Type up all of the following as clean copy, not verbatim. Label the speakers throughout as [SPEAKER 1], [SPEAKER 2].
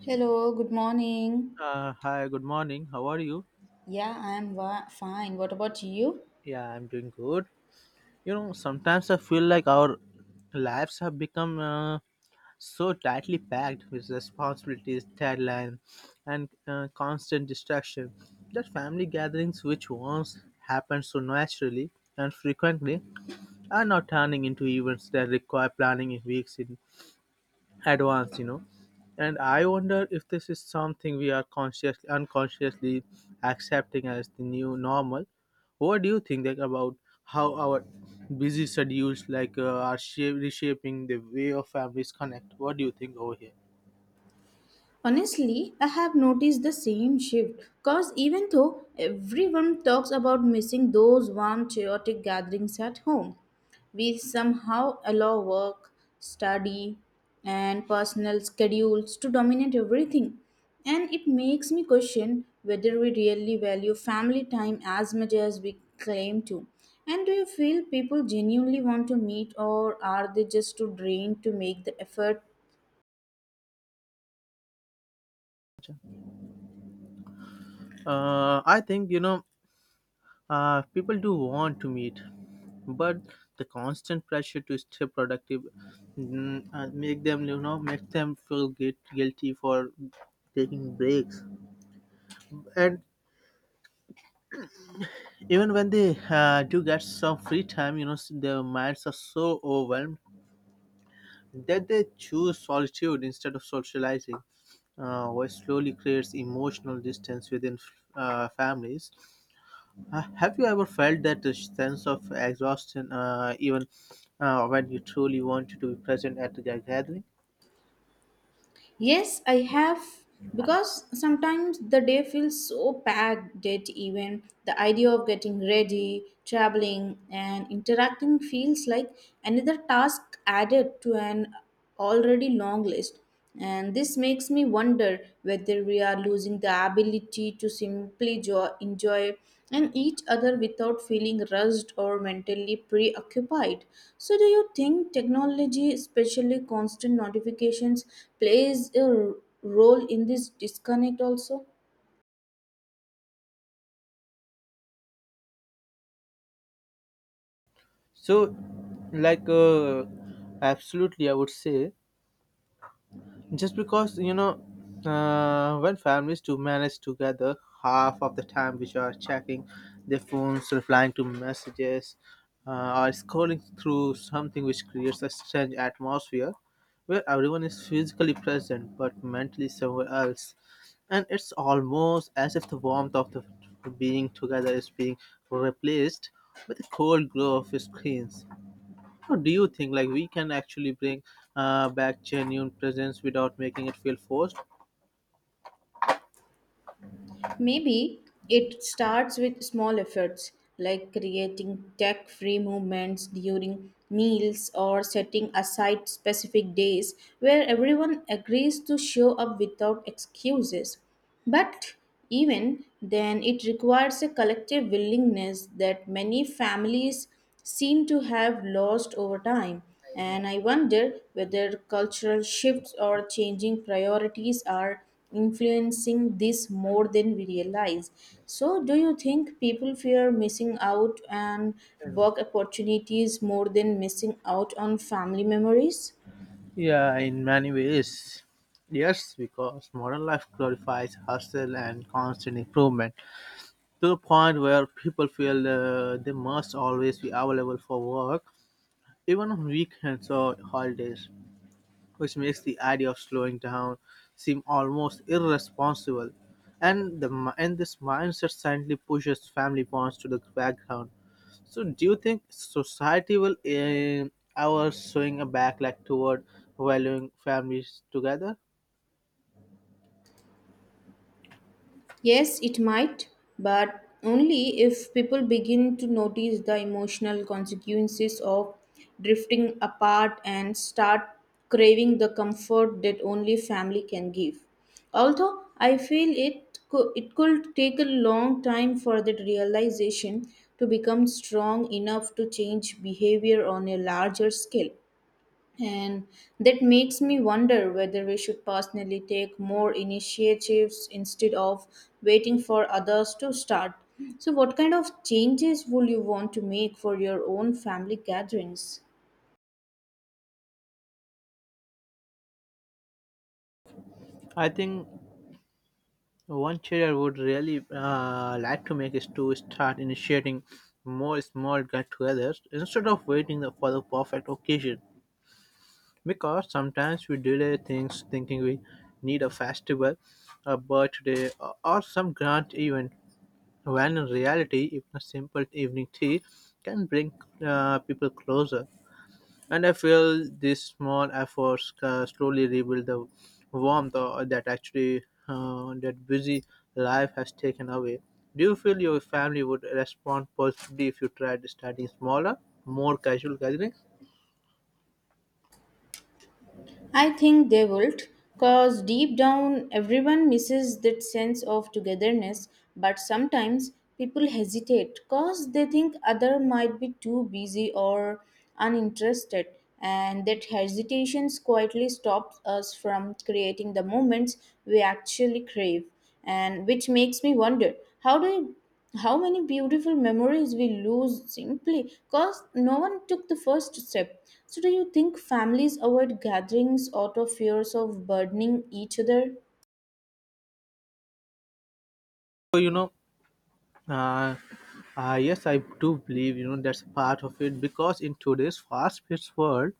[SPEAKER 1] Hello, good morning.
[SPEAKER 2] Hi, good morning. How are you?
[SPEAKER 1] Yeah, I'm fine. What about you?
[SPEAKER 2] Yeah, I'm doing good. You know, sometimes I feel like our lives have become so tightly packed with responsibilities, deadline, and constant distraction that family gatherings, which once happened so naturally and frequently, are now turning into events that require planning in weeks in advanced. And I wonder if this is something we are consciously unconsciously accepting as the new normal. What do you think, like, about how our busy schedules, like are reshaping the way of families connect? What do you think over here?
[SPEAKER 1] Honestly, I have noticed the same shift because even though everyone talks about missing those warm, chaotic gatherings at home, we somehow allow work, study, and personal schedules to dominate everything. And it makes me question whether we really value family time as much as we claim to. And do you feel people genuinely want to meet, or are they just too drained to make the effort?
[SPEAKER 2] I think, people do want to meet, but the constant pressure to stay productive, make them, make them feel guilty for taking breaks. And even when they do get some free time, their minds are so overwhelmed that they choose solitude instead of socializing, which slowly creates emotional distance within families. Have you ever felt that the sense of exhaustion, even when you truly wanted to be present at the gathering?
[SPEAKER 1] Yes, I have, because sometimes the day feels so packed that even the idea of getting ready, traveling, and interacting feels like another task added to an already long list. And this makes me wonder whether we are losing the ability to simply enjoy and each other without feeling rushed or mentally preoccupied. So, do you think technology, especially constant notifications, plays a role in this disconnect also?
[SPEAKER 2] So, like, absolutely, I would say. Just because when families to manage together, half of the time which are checking their phones, replying to messages, uh, or scrolling through something, which creates a strange atmosphere where everyone is physically present but mentally somewhere else. And it's almost as if the warmth of the being together is being replaced with the cold glow of screens. How do you think, like, we can actually bring back genuine presence without making it feel forced?
[SPEAKER 1] Maybe it starts with small efforts like creating tech free moments during meals or setting aside specific days where everyone agrees to show up without excuses. But even then, it requires a collective willingness that many families seem to have lost over time. And I wonder whether cultural shifts or changing priorities are influencing this more than we realize. So, do you think people fear missing out on work opportunities more than missing out on family memories?
[SPEAKER 2] Yeah, in many ways. Yes, because modern life glorifies hustle and constant improvement to the point where people feel they must always be available for work, even on weekends or holidays, which makes the idea of slowing down seem almost irresponsible. And this mindset silently pushes family bonds to the background. So, do you think society will ever swing a back, like, toward valuing families together?
[SPEAKER 1] Yes, it might, but only if people begin to notice the emotional consequences of drifting apart and start craving the comfort that only family can give. Although I feel it could take a long time for that realization to become strong enough to change behavior on a larger scale. And that makes me wonder whether we should personally take more initiatives instead of waiting for others to start. So, what kind of changes would you want to make for your own family gatherings?
[SPEAKER 2] I think one change I would really like to make is to start initiating more small get-togethers instead of waiting for the perfect occasion. Because sometimes we delay things thinking we need a festival, a birthday, or some grand event. When in reality, even a simple evening tea can bring people closer. And I feel these small efforts slowly rebuild the warmth that actually that busy life has taken away. Do you feel your family would respond positively if you tried starting smaller, more casual gatherings?
[SPEAKER 1] I think they would, because deep down everyone misses that sense of togetherness, but sometimes people hesitate because they think other might be too busy or uninterested, and that hesitation quietly stops us from creating the moments we actually crave. And which makes me wonder how do how many beautiful memories we lose simply because no one took the first step. So, do you think families avoid gatherings out of fears of burdening each other?
[SPEAKER 2] So you know, uh, yes, I do believe, you know, that's a part of it, because in today's fast-paced world,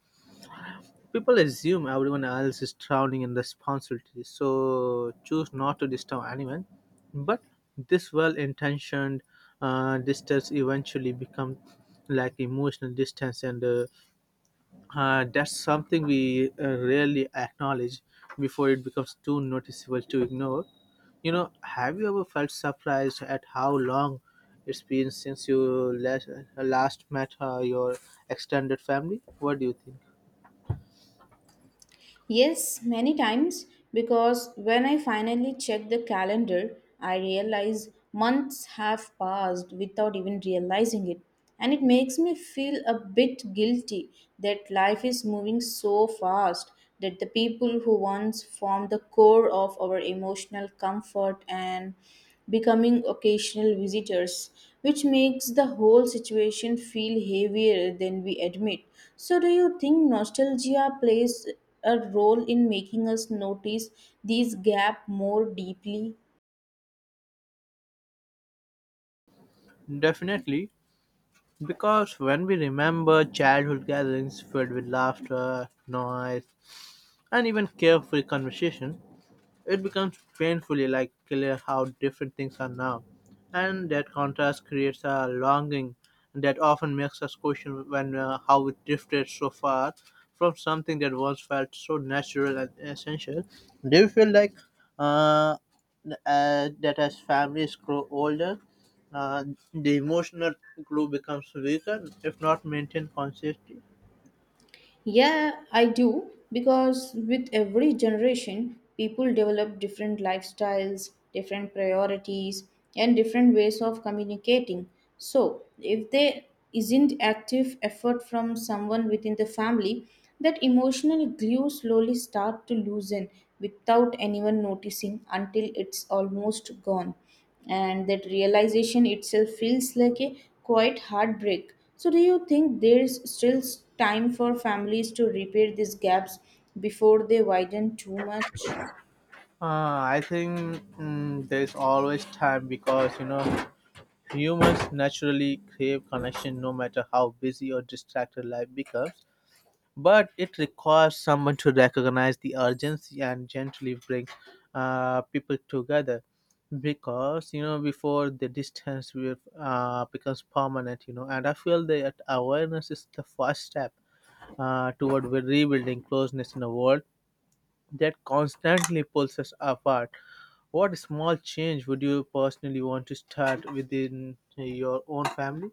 [SPEAKER 2] people assume everyone else is drowning in responsibility, so choose not to disturb anyone. But this well intentioned distance eventually becomes like emotional distance, and that's something we rarely acknowledge before it becomes too noticeable to ignore. You know, have you ever felt surprised at how long it's been since you last, last met your extended family? What do you think?
[SPEAKER 1] Yes, many times, because when I finally check the calendar, I realize months have passed without even realizing it. And it makes me feel a bit guilty that life is moving so fast, that the people who once formed the core of our emotional comfort and becoming occasional visitors, which makes the whole situation feel heavier than we admit. So, do you think nostalgia plays a role in making us notice these gaps more deeply?
[SPEAKER 2] Definitely. Because when we remember childhood gatherings filled with laughter, noise, and even carefree conversation, it becomes painfully like clear how different things are now, and that contrast creates a longing that often makes us question when how we drifted so far from something that once felt so natural and essential. Do you feel like, uh, that as families grow older, uh, the emotional glue becomes weaker if not maintained consistently?
[SPEAKER 1] Yeah, I do, because with every generation, people develop different lifestyles, different priorities, and different ways of communicating. So, if there isn't active effort from someone within the family, that emotional glue slowly start to loosen without anyone noticing until it's almost gone, and that realization itself feels like a quite heartbreak. So do you think there is still time for families to repair these gaps before they widen too much?
[SPEAKER 2] I think there's always time, because, you know, humans naturally crave connection no matter how busy or distracted life becomes, but it requires someone to recognize the urgency and gently bring people together, because, you know, before the distance will becomes permanent. And I feel that awareness is the first step toward rebuilding closeness in a world that constantly pulls us apart. What small change would you personally want to start within your own family?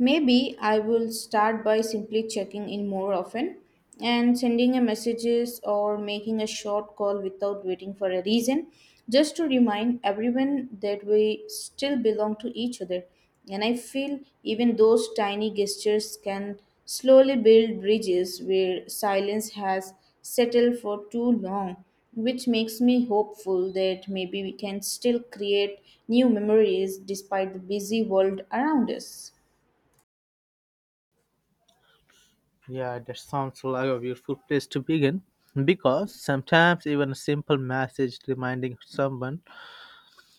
[SPEAKER 1] Maybe I will start by simply checking in more often and sending a messages or making a short call without waiting for a reason, just to remind everyone that we still belong to each other. And I feel even those tiny gestures can slowly build bridges where silence has settled for too long, which makes me hopeful that maybe we can still create new memories despite the busy world around us.
[SPEAKER 2] Yeah, that sounds like a beautiful place to begin, because sometimes even a simple message reminding someone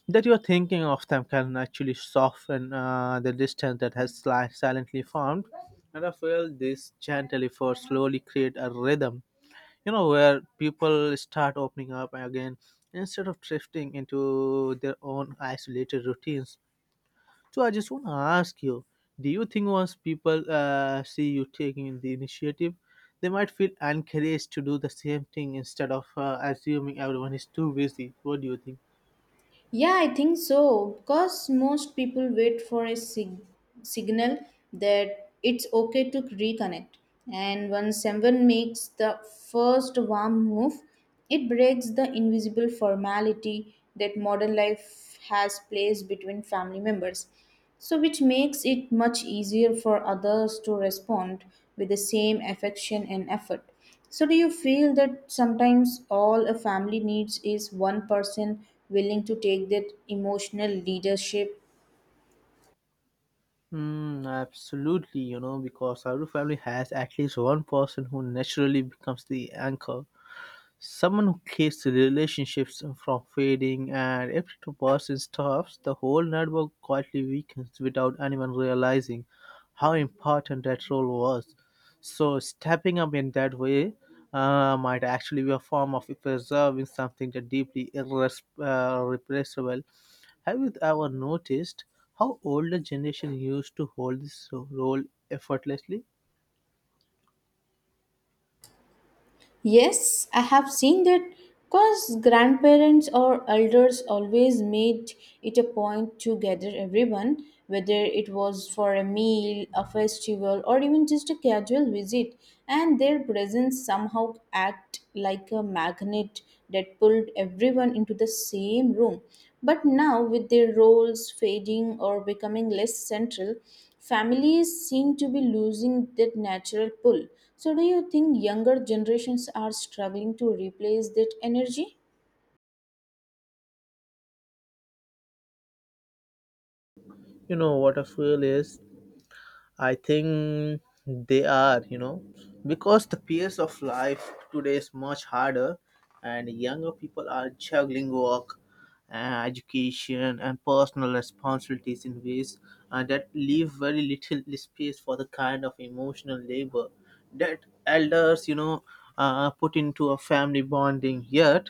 [SPEAKER 2] that you are thinking of them can actually soften the distance that has silently formed. And I feel this gentle effort slowly create a rhythm, you know, where people start opening up again instead of drifting into their own isolated routines. So I just want to ask you, do you think once people see you taking the initiative, they might feel encouraged to do the same thing instead of assuming everyone is too busy? What do you think?
[SPEAKER 1] Yeah, I think so. Because most people wait for a signal that it's okay to reconnect. And when someone makes the first warm move, it breaks the invisible formality that modern life has placed between family members. So, which makes it much easier for others to respond with the same affection and effort. So, do you feel that sometimes all a family needs is one person willing to take that emotional leadership?
[SPEAKER 2] Absolutely, you know, because every family has at least one person who naturally becomes the anchor. Someone who keeps the relationships from fading, and if the person stops, the whole network quietly weakens without anyone realizing how important that role was. So stepping up in that way might actually be a form of preserving something that deeply replaceable. Have you ever noticed how older generation used to hold this role effortlessly?
[SPEAKER 1] Yes, I have seen that because grandparents or elders always made it a point to gather everyone, whether it was for a meal, a festival, or even just a casual visit, and their presence somehow act like a magnet that pulled everyone into the same room. But now, with their roles fading or becoming less central, families seem to be losing that natural pull. So, do you think younger generations are struggling to replace that energy?
[SPEAKER 2] You know what I feel is, I think they are, you know, because the pace of life today is much harder, and younger people are juggling work, education, and personal responsibilities in ways that leave very little space for the kind of emotional labor that elders, you know, put into a family bonding. Yet,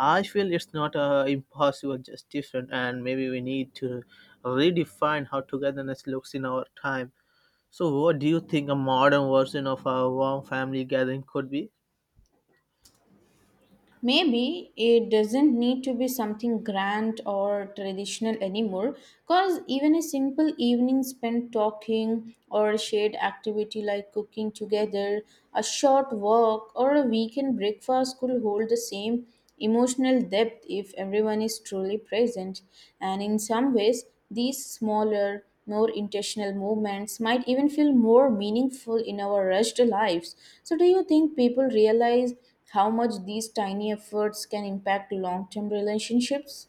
[SPEAKER 2] I feel it's not impossible, just different, and maybe we need to redefine how togetherness looks in our time. So, what do you think a modern version of a warm family gathering could be?
[SPEAKER 1] Maybe it doesn't need to be something grand or traditional anymore, because even a simple evening spent talking or a shared activity like cooking together, a short walk, or a weekend breakfast could hold the same emotional depth if everyone is truly present. And in some ways, these smaller, more intentional movements might even feel more meaningful in our rushed lives. So, do you think people realize how much these tiny efforts can impact long term relationships?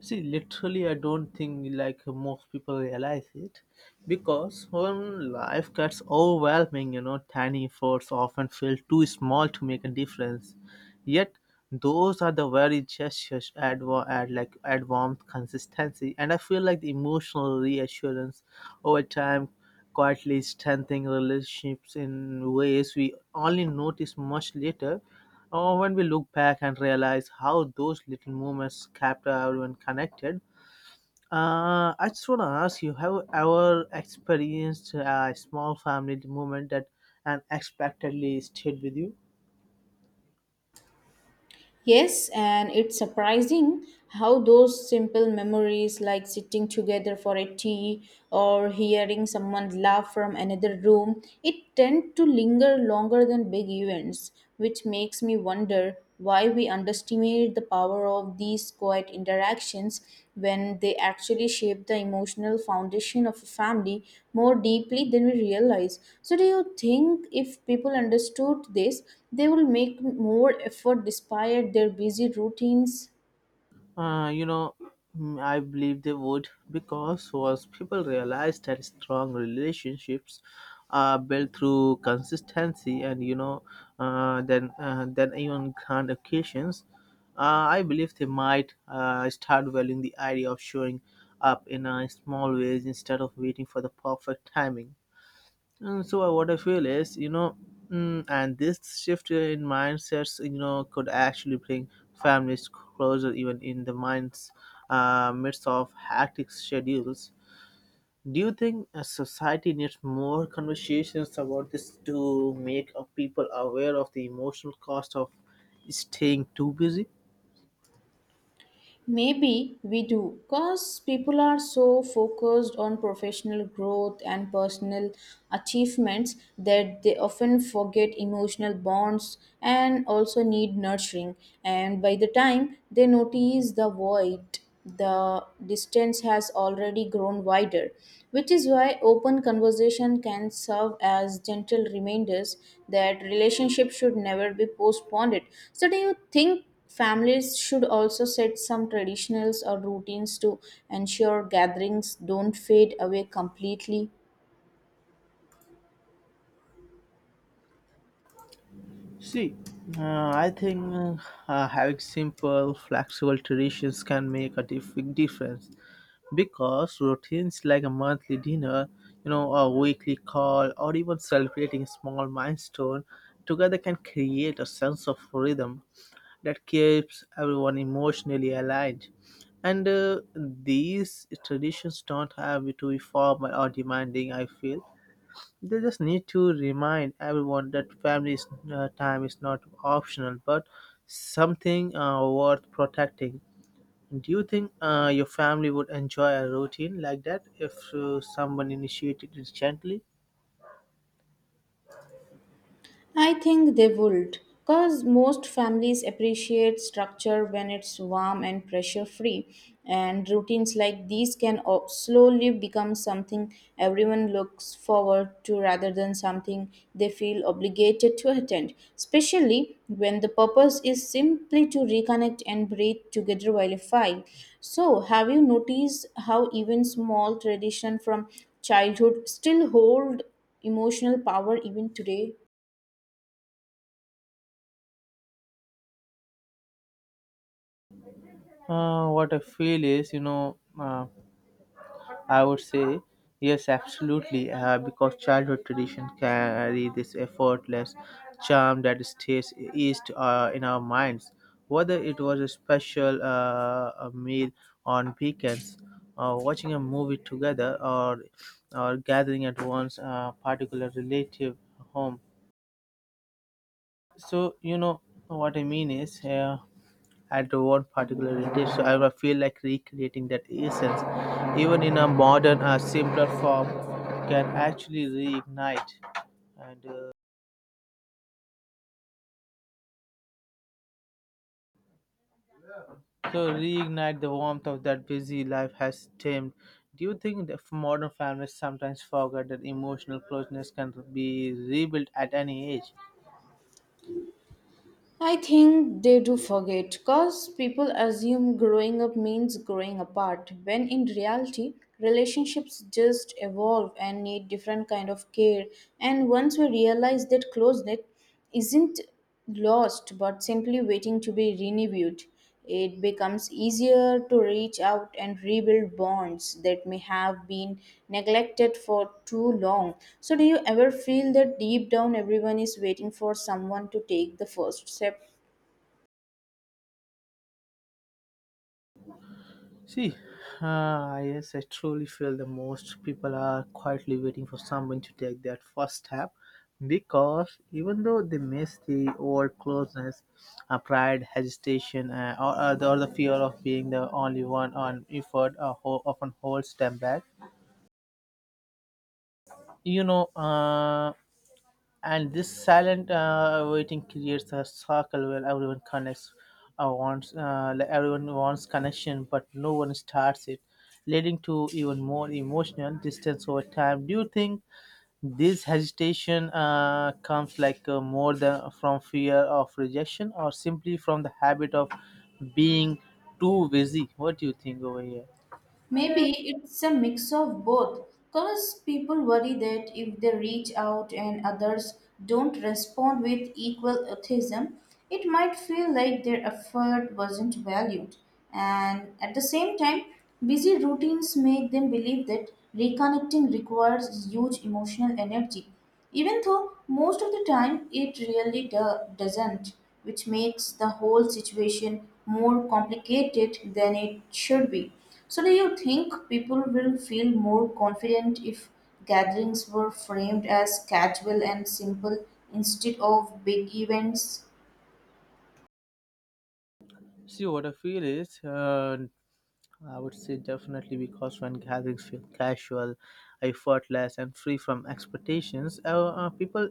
[SPEAKER 2] See, literally, I don't think, like, most people realize it, because when life gets overwhelming, you know, tiny efforts often feel too small to make a difference. Yet, those are the very gestures add, like, add warmth, consistency, and I feel like the emotional reassurance over time quietly strengthening relationships in ways we only notice much later. Oh, when we look back and realize how those little moments kept everyone connected, I just want to ask you: have you ever experienced a small family moment that unexpectedly stayed with you?
[SPEAKER 1] Yes, and it's surprising how those simple memories, like sitting together for a tea or hearing someone laugh from another room, it tend to linger longer than big events, which makes me wonder why we underestimate appreciate the power of these quiet interactions when they actually shape the emotional foundation of a family more deeply than we realize. So, do you think if people understood this, they will make more effort despite their busy routines?
[SPEAKER 2] Uh, you know, I believe they would, because once people realize that strong relationships are built through consistency and, you know, then even grand occasions, uh, I believe they might start valuing the idea of showing up in small ways instead of waiting for the perfect timing. And what I feel is, you know, and this shift in mindsets, you know, could actually bring families closer, even in the minds midst of hectic schedules. Do you think a society needs more conversations about this to make people aware of the emotional cost of staying too busy?
[SPEAKER 1] Maybe we do, because people are so focused on professional growth and personal achievements that they often forget emotional bonds and also need nurturing. And by the time they notice the void, the distance has already grown wider, which is why open conversation can serve as gentle reminders that relationship should never be postponed. So, do you think families should also set some traditionals or routines to ensure gatherings don't fade away completely?
[SPEAKER 2] See, I think having simple, flexible traditions can make a big difference. Because routines like a monthly dinner, you know, a weekly call, or even celebrating a small milestone together can create a sense of rhythm that keeps everyone emotionally aligned. And these traditions don't have to be formal or demanding, I feel. They just need to remind everyone that family time is not optional but something worth protecting. Do you think your family would enjoy a routine like that if someone initiated it gently?
[SPEAKER 1] I think they would, because most families appreciate structure when it's warm and pressure free, and routines like these can slowly become something everyone looks forward to rather than something they feel obligated to attend, especially when the purpose is simply to reconnect and breathe together while a file. So, have you noticed how even small tradition from childhood still hold emotional power even today?
[SPEAKER 2] What I feel is, you know, I would say yes, absolutely, because childhood tradition carry this effortless charm that stays east in our minds. Whether it was a special a meal on weekends, or watching a movie together, or gathering at one's particular relative home. So you know what I mean is, at one particular dish, so I will feel like recreating that essence, even in a modern, simpler form, can actually reignite and reignite the warmth of that busy life has dimmed. Do you think that modern families sometimes forget that emotional closeness can be rebuilt at any age?
[SPEAKER 1] I think they do forget because people assume growing up means growing apart when in reality relationships just evolve and need different kind of care, and once we realize that closeness isn't lost but simply waiting to be renewed, it becomes easier to reach out and rebuild bonds that may have been neglected for too long. So, do you ever feel that deep down everyone is waiting for someone to take the first step?
[SPEAKER 2] See, yes, I truly feel the most people are quietly waiting for someone to take that first step, because even though they miss the old closeness, pride, hesitation, or the fear of being the only one on effort often holds them back. You know, and this silent waiting creates a circle where everyone connects, wants like everyone wants connection but no one starts it, leading to even more emotional distance over time. Do you think this hesitation comes, more than from fear of rejection, or simply from the habit of being too busy? What do you think over here?
[SPEAKER 1] Maybe it's a mix of both, because people worry that if they reach out and others don't respond with equal autism, it might feel like their effort wasn't valued. And at the same time, busy routines make them believe that reconnecting requires huge emotional energy, even though most of the time it really doesn't, which makes the whole situation more complicated than it should be. So, do you think people will feel more confident if gatherings were framed as casual and simple instead of big events?
[SPEAKER 2] See, what I feel is, I would say definitely, because when gatherings feel casual, effortless, and free from expectations, people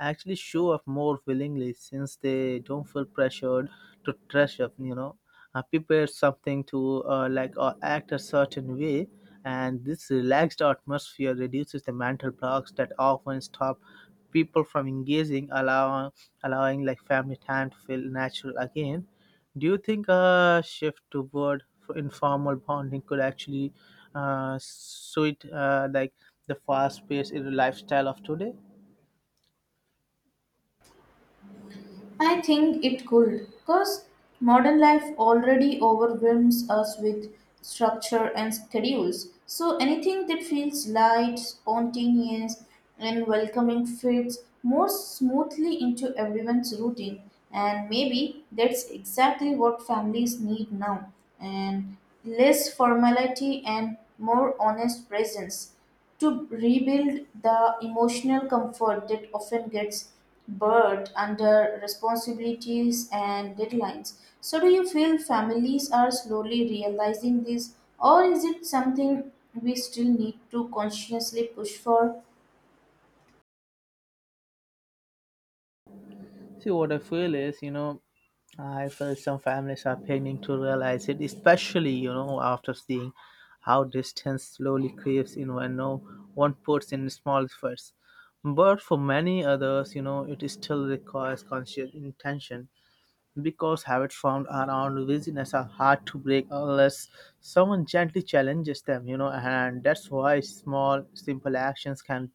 [SPEAKER 2] actually show up more willingly since they don't feel pressured to dress up, you know, prepare something to or act a certain way. And this relaxed atmosphere reduces the mental blocks that often stop people from engaging, allowing family time to feel natural again. Do you think a shift toward informal bonding could actually suit, the fast-paced lifestyle of today?
[SPEAKER 1] I think it could, because modern life already overwhelms us with structure and schedules. So anything that feels light, spontaneous, and welcoming fits more smoothly into everyone's routine. And maybe that's exactly what families need now, and less formality and more honest presence to rebuild the emotional comfort that often gets buried under responsibilities and deadlines. So, do you feel families are slowly realizing this, or is it something we still need to consciously push for?
[SPEAKER 2] See, what I feel is, you know, I feel some families are beginning to realize it, especially, you know, after seeing how distance slowly creeps in when no one puts in small efforts. But for many others, you know, it still requires conscious intention, because habits formed around busyness are hard to break unless someone gently challenges them, you know, and that's why small, simple actions can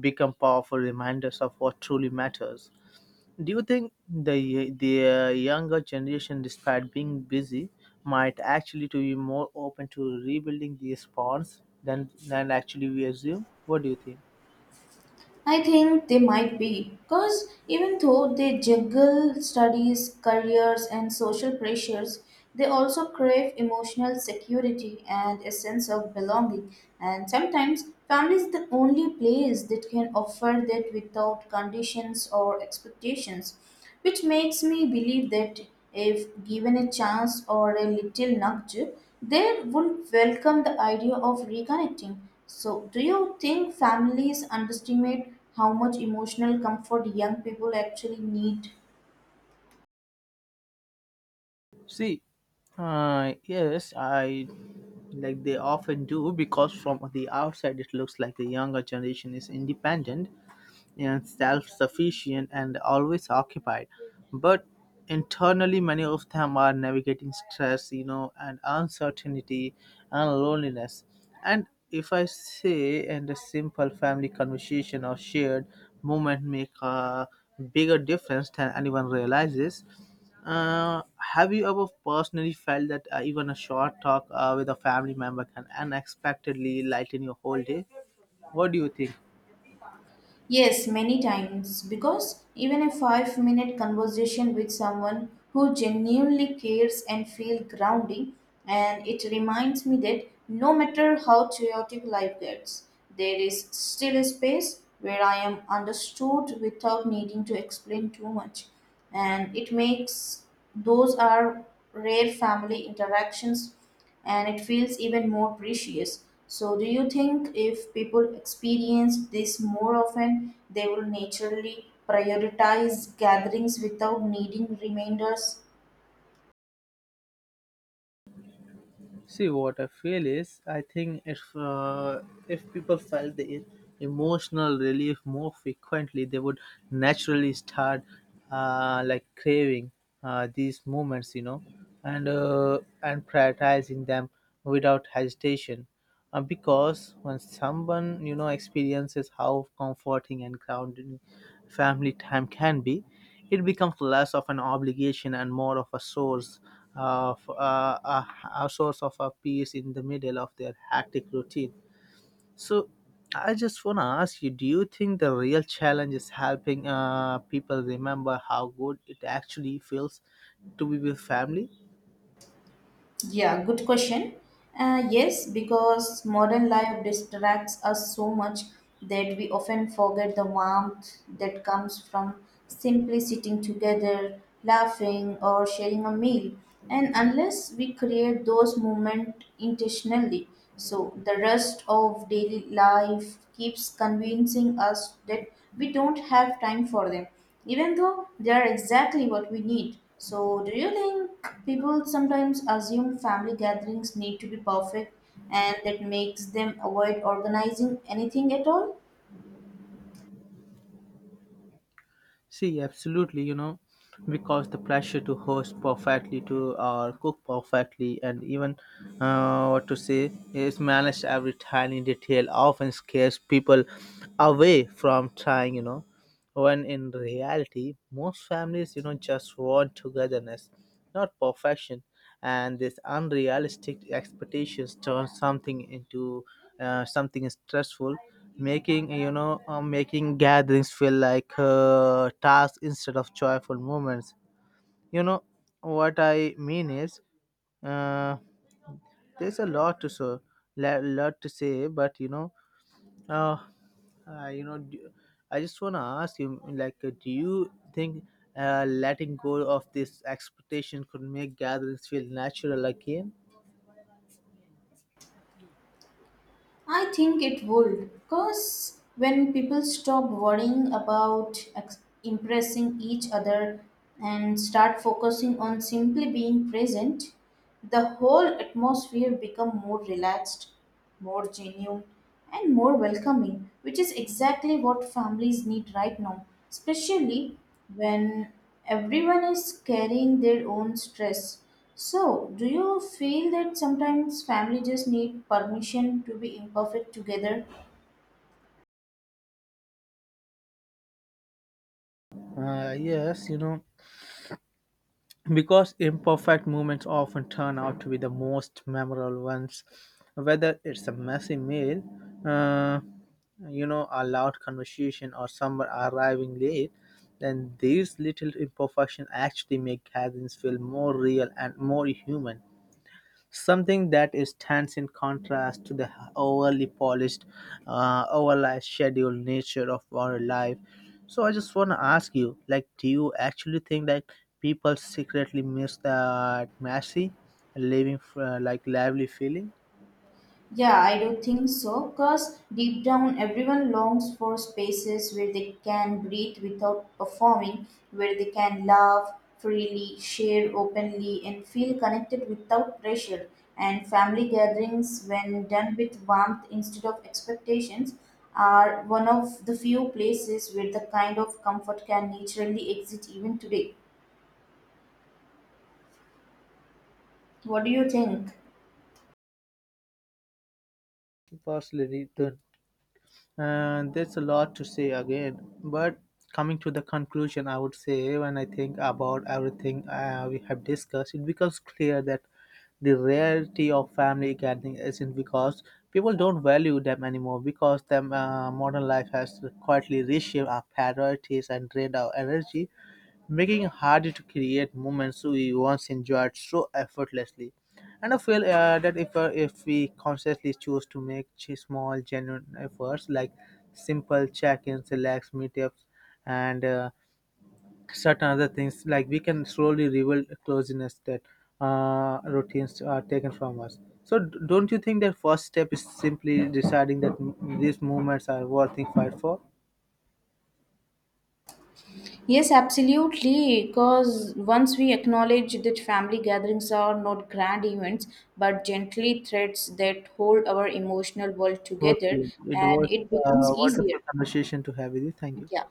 [SPEAKER 2] become powerful reminders of what truly matters. Do you think the younger generation, despite being busy, might actually to be more open to rebuilding these bonds than actually we assume? What do you think?
[SPEAKER 1] I think they might be, because even though they juggle studies, careers, and social pressures, they also crave emotional security and a sense of belonging. And sometimes, family is the only place that can offer that without conditions or expectations, which makes me believe that if given a chance or a little nudge, they would welcome the idea of reconnecting. So, do you think families underestimate how much emotional comfort young people actually need?
[SPEAKER 2] See, yes, I, like they often do, because from the outside it looks like the younger generation is independent and self-sufficient and always occupied, but internally many of them are navigating stress, you know, and uncertainty and loneliness. And if I say, and a simple family conversation or shared moment make a bigger difference than anyone realizes. Have you ever personally felt that, even a short talk with a family member can unexpectedly lighten your whole day? What do you think?
[SPEAKER 1] Yes, many times, because even a 5 minute conversation with someone who genuinely cares and feel grounding, and it reminds me that no matter how chaotic life gets, there is still a space where I am understood without needing to explain too much. And it makes those are rare family interactions and it feels even more precious. So do you think if people experience this more often they will naturally prioritize gatherings without needing reminders?
[SPEAKER 2] See what I feel is, I think if, if people felt the emotional relief more frequently, they would naturally start, craving, these moments, you know, and prioritizing them without hesitation. Because when someone, you know, experiences how comforting and grounding family time can be, it becomes less of an obligation and more of a source of a, a source of a peace in the middle of their hectic routine. So, I just want to ask you, do you think the real challenge is helping people remember how good it actually feels to be with family?
[SPEAKER 1] Yeah, good question. Yes, because modern life distracts us so much that we often forget the warmth that comes from simply sitting together, laughing, or sharing a meal. And unless we create those moments intentionally, so the rest of daily life keeps convincing us that we don't have time for them, even though they are exactly what we need. So, do you think people sometimes assume family gatherings need to be perfect and that makes them avoid organizing anything at all?
[SPEAKER 2] See, absolutely, you know, because the pressure to host perfectly, to cook perfectly, and even, what to say is manage every tiny detail, often scares people away from trying, you know. When in reality, most families, you know, just want togetherness, not perfection, and this unrealistic expectations turn something into, something stressful, making you know making gatherings feel like, tasks instead of joyful moments, you know. What I mean is, uh, there's a lot to so la- lot to say, but you know, uh, uh you know d- I just want to ask you, like, do you think, letting go of this expectation could make gatherings feel natural again?
[SPEAKER 1] I think it would, because when people stop worrying about impressing each other and start focusing on simply being present, the whole atmosphere become more relaxed, more genuine, and more welcoming, which is exactly what families need right now, especially when everyone is carrying their own stress. So, do you feel that sometimes family just need permission to be imperfect together?
[SPEAKER 2] Yes, you know, because imperfect moments often turn out to be the most memorable ones, whether it's a messy meal, uh, you know, a loud conversation, or someone arriving late, then these little imperfections actually make gatherings feel more real and more human, something that stands in contrast to the overly polished, overly scheduled nature of our life. So I just want to ask you, like, do you actually think that people secretly miss that messy, living, lively feeling?
[SPEAKER 1] Yeah, I do think so, because deep down everyone longs for spaces where they can breathe without performing, where they can laugh freely, share openly, and feel connected without pressure. And family gatherings, when done with warmth instead of expectations, are one of the few places where the kind of comfort can naturally exist even today. What do you think?
[SPEAKER 2] Personally, don't. And there's a lot to say again, but coming to the conclusion, I would say when I think about everything we have discussed, it becomes clear that the rarity of family gathering isn't because people don't value them anymore, because them, modern life has quietly reshaped our priorities and drained our energy, making it harder to create moments we once enjoyed so effortlessly. And I feel, that if, if we consciously choose to make small genuine efforts, like simple check-ins, relax meetups, and, certain other things, like we can slowly rebuild closeness that, routines are taken from us. So don't you think that first step is simply deciding that these moments are worth the fight for?
[SPEAKER 1] Yes, absolutely. Because once we acknowledge that family gatherings are not grand events but gently threads that hold our emotional world together,
[SPEAKER 2] Okay, it
[SPEAKER 1] and
[SPEAKER 2] was
[SPEAKER 1] it becomes
[SPEAKER 2] a wonderful
[SPEAKER 1] easier.
[SPEAKER 2] conversation to have with you. Thank you.
[SPEAKER 1] Yeah.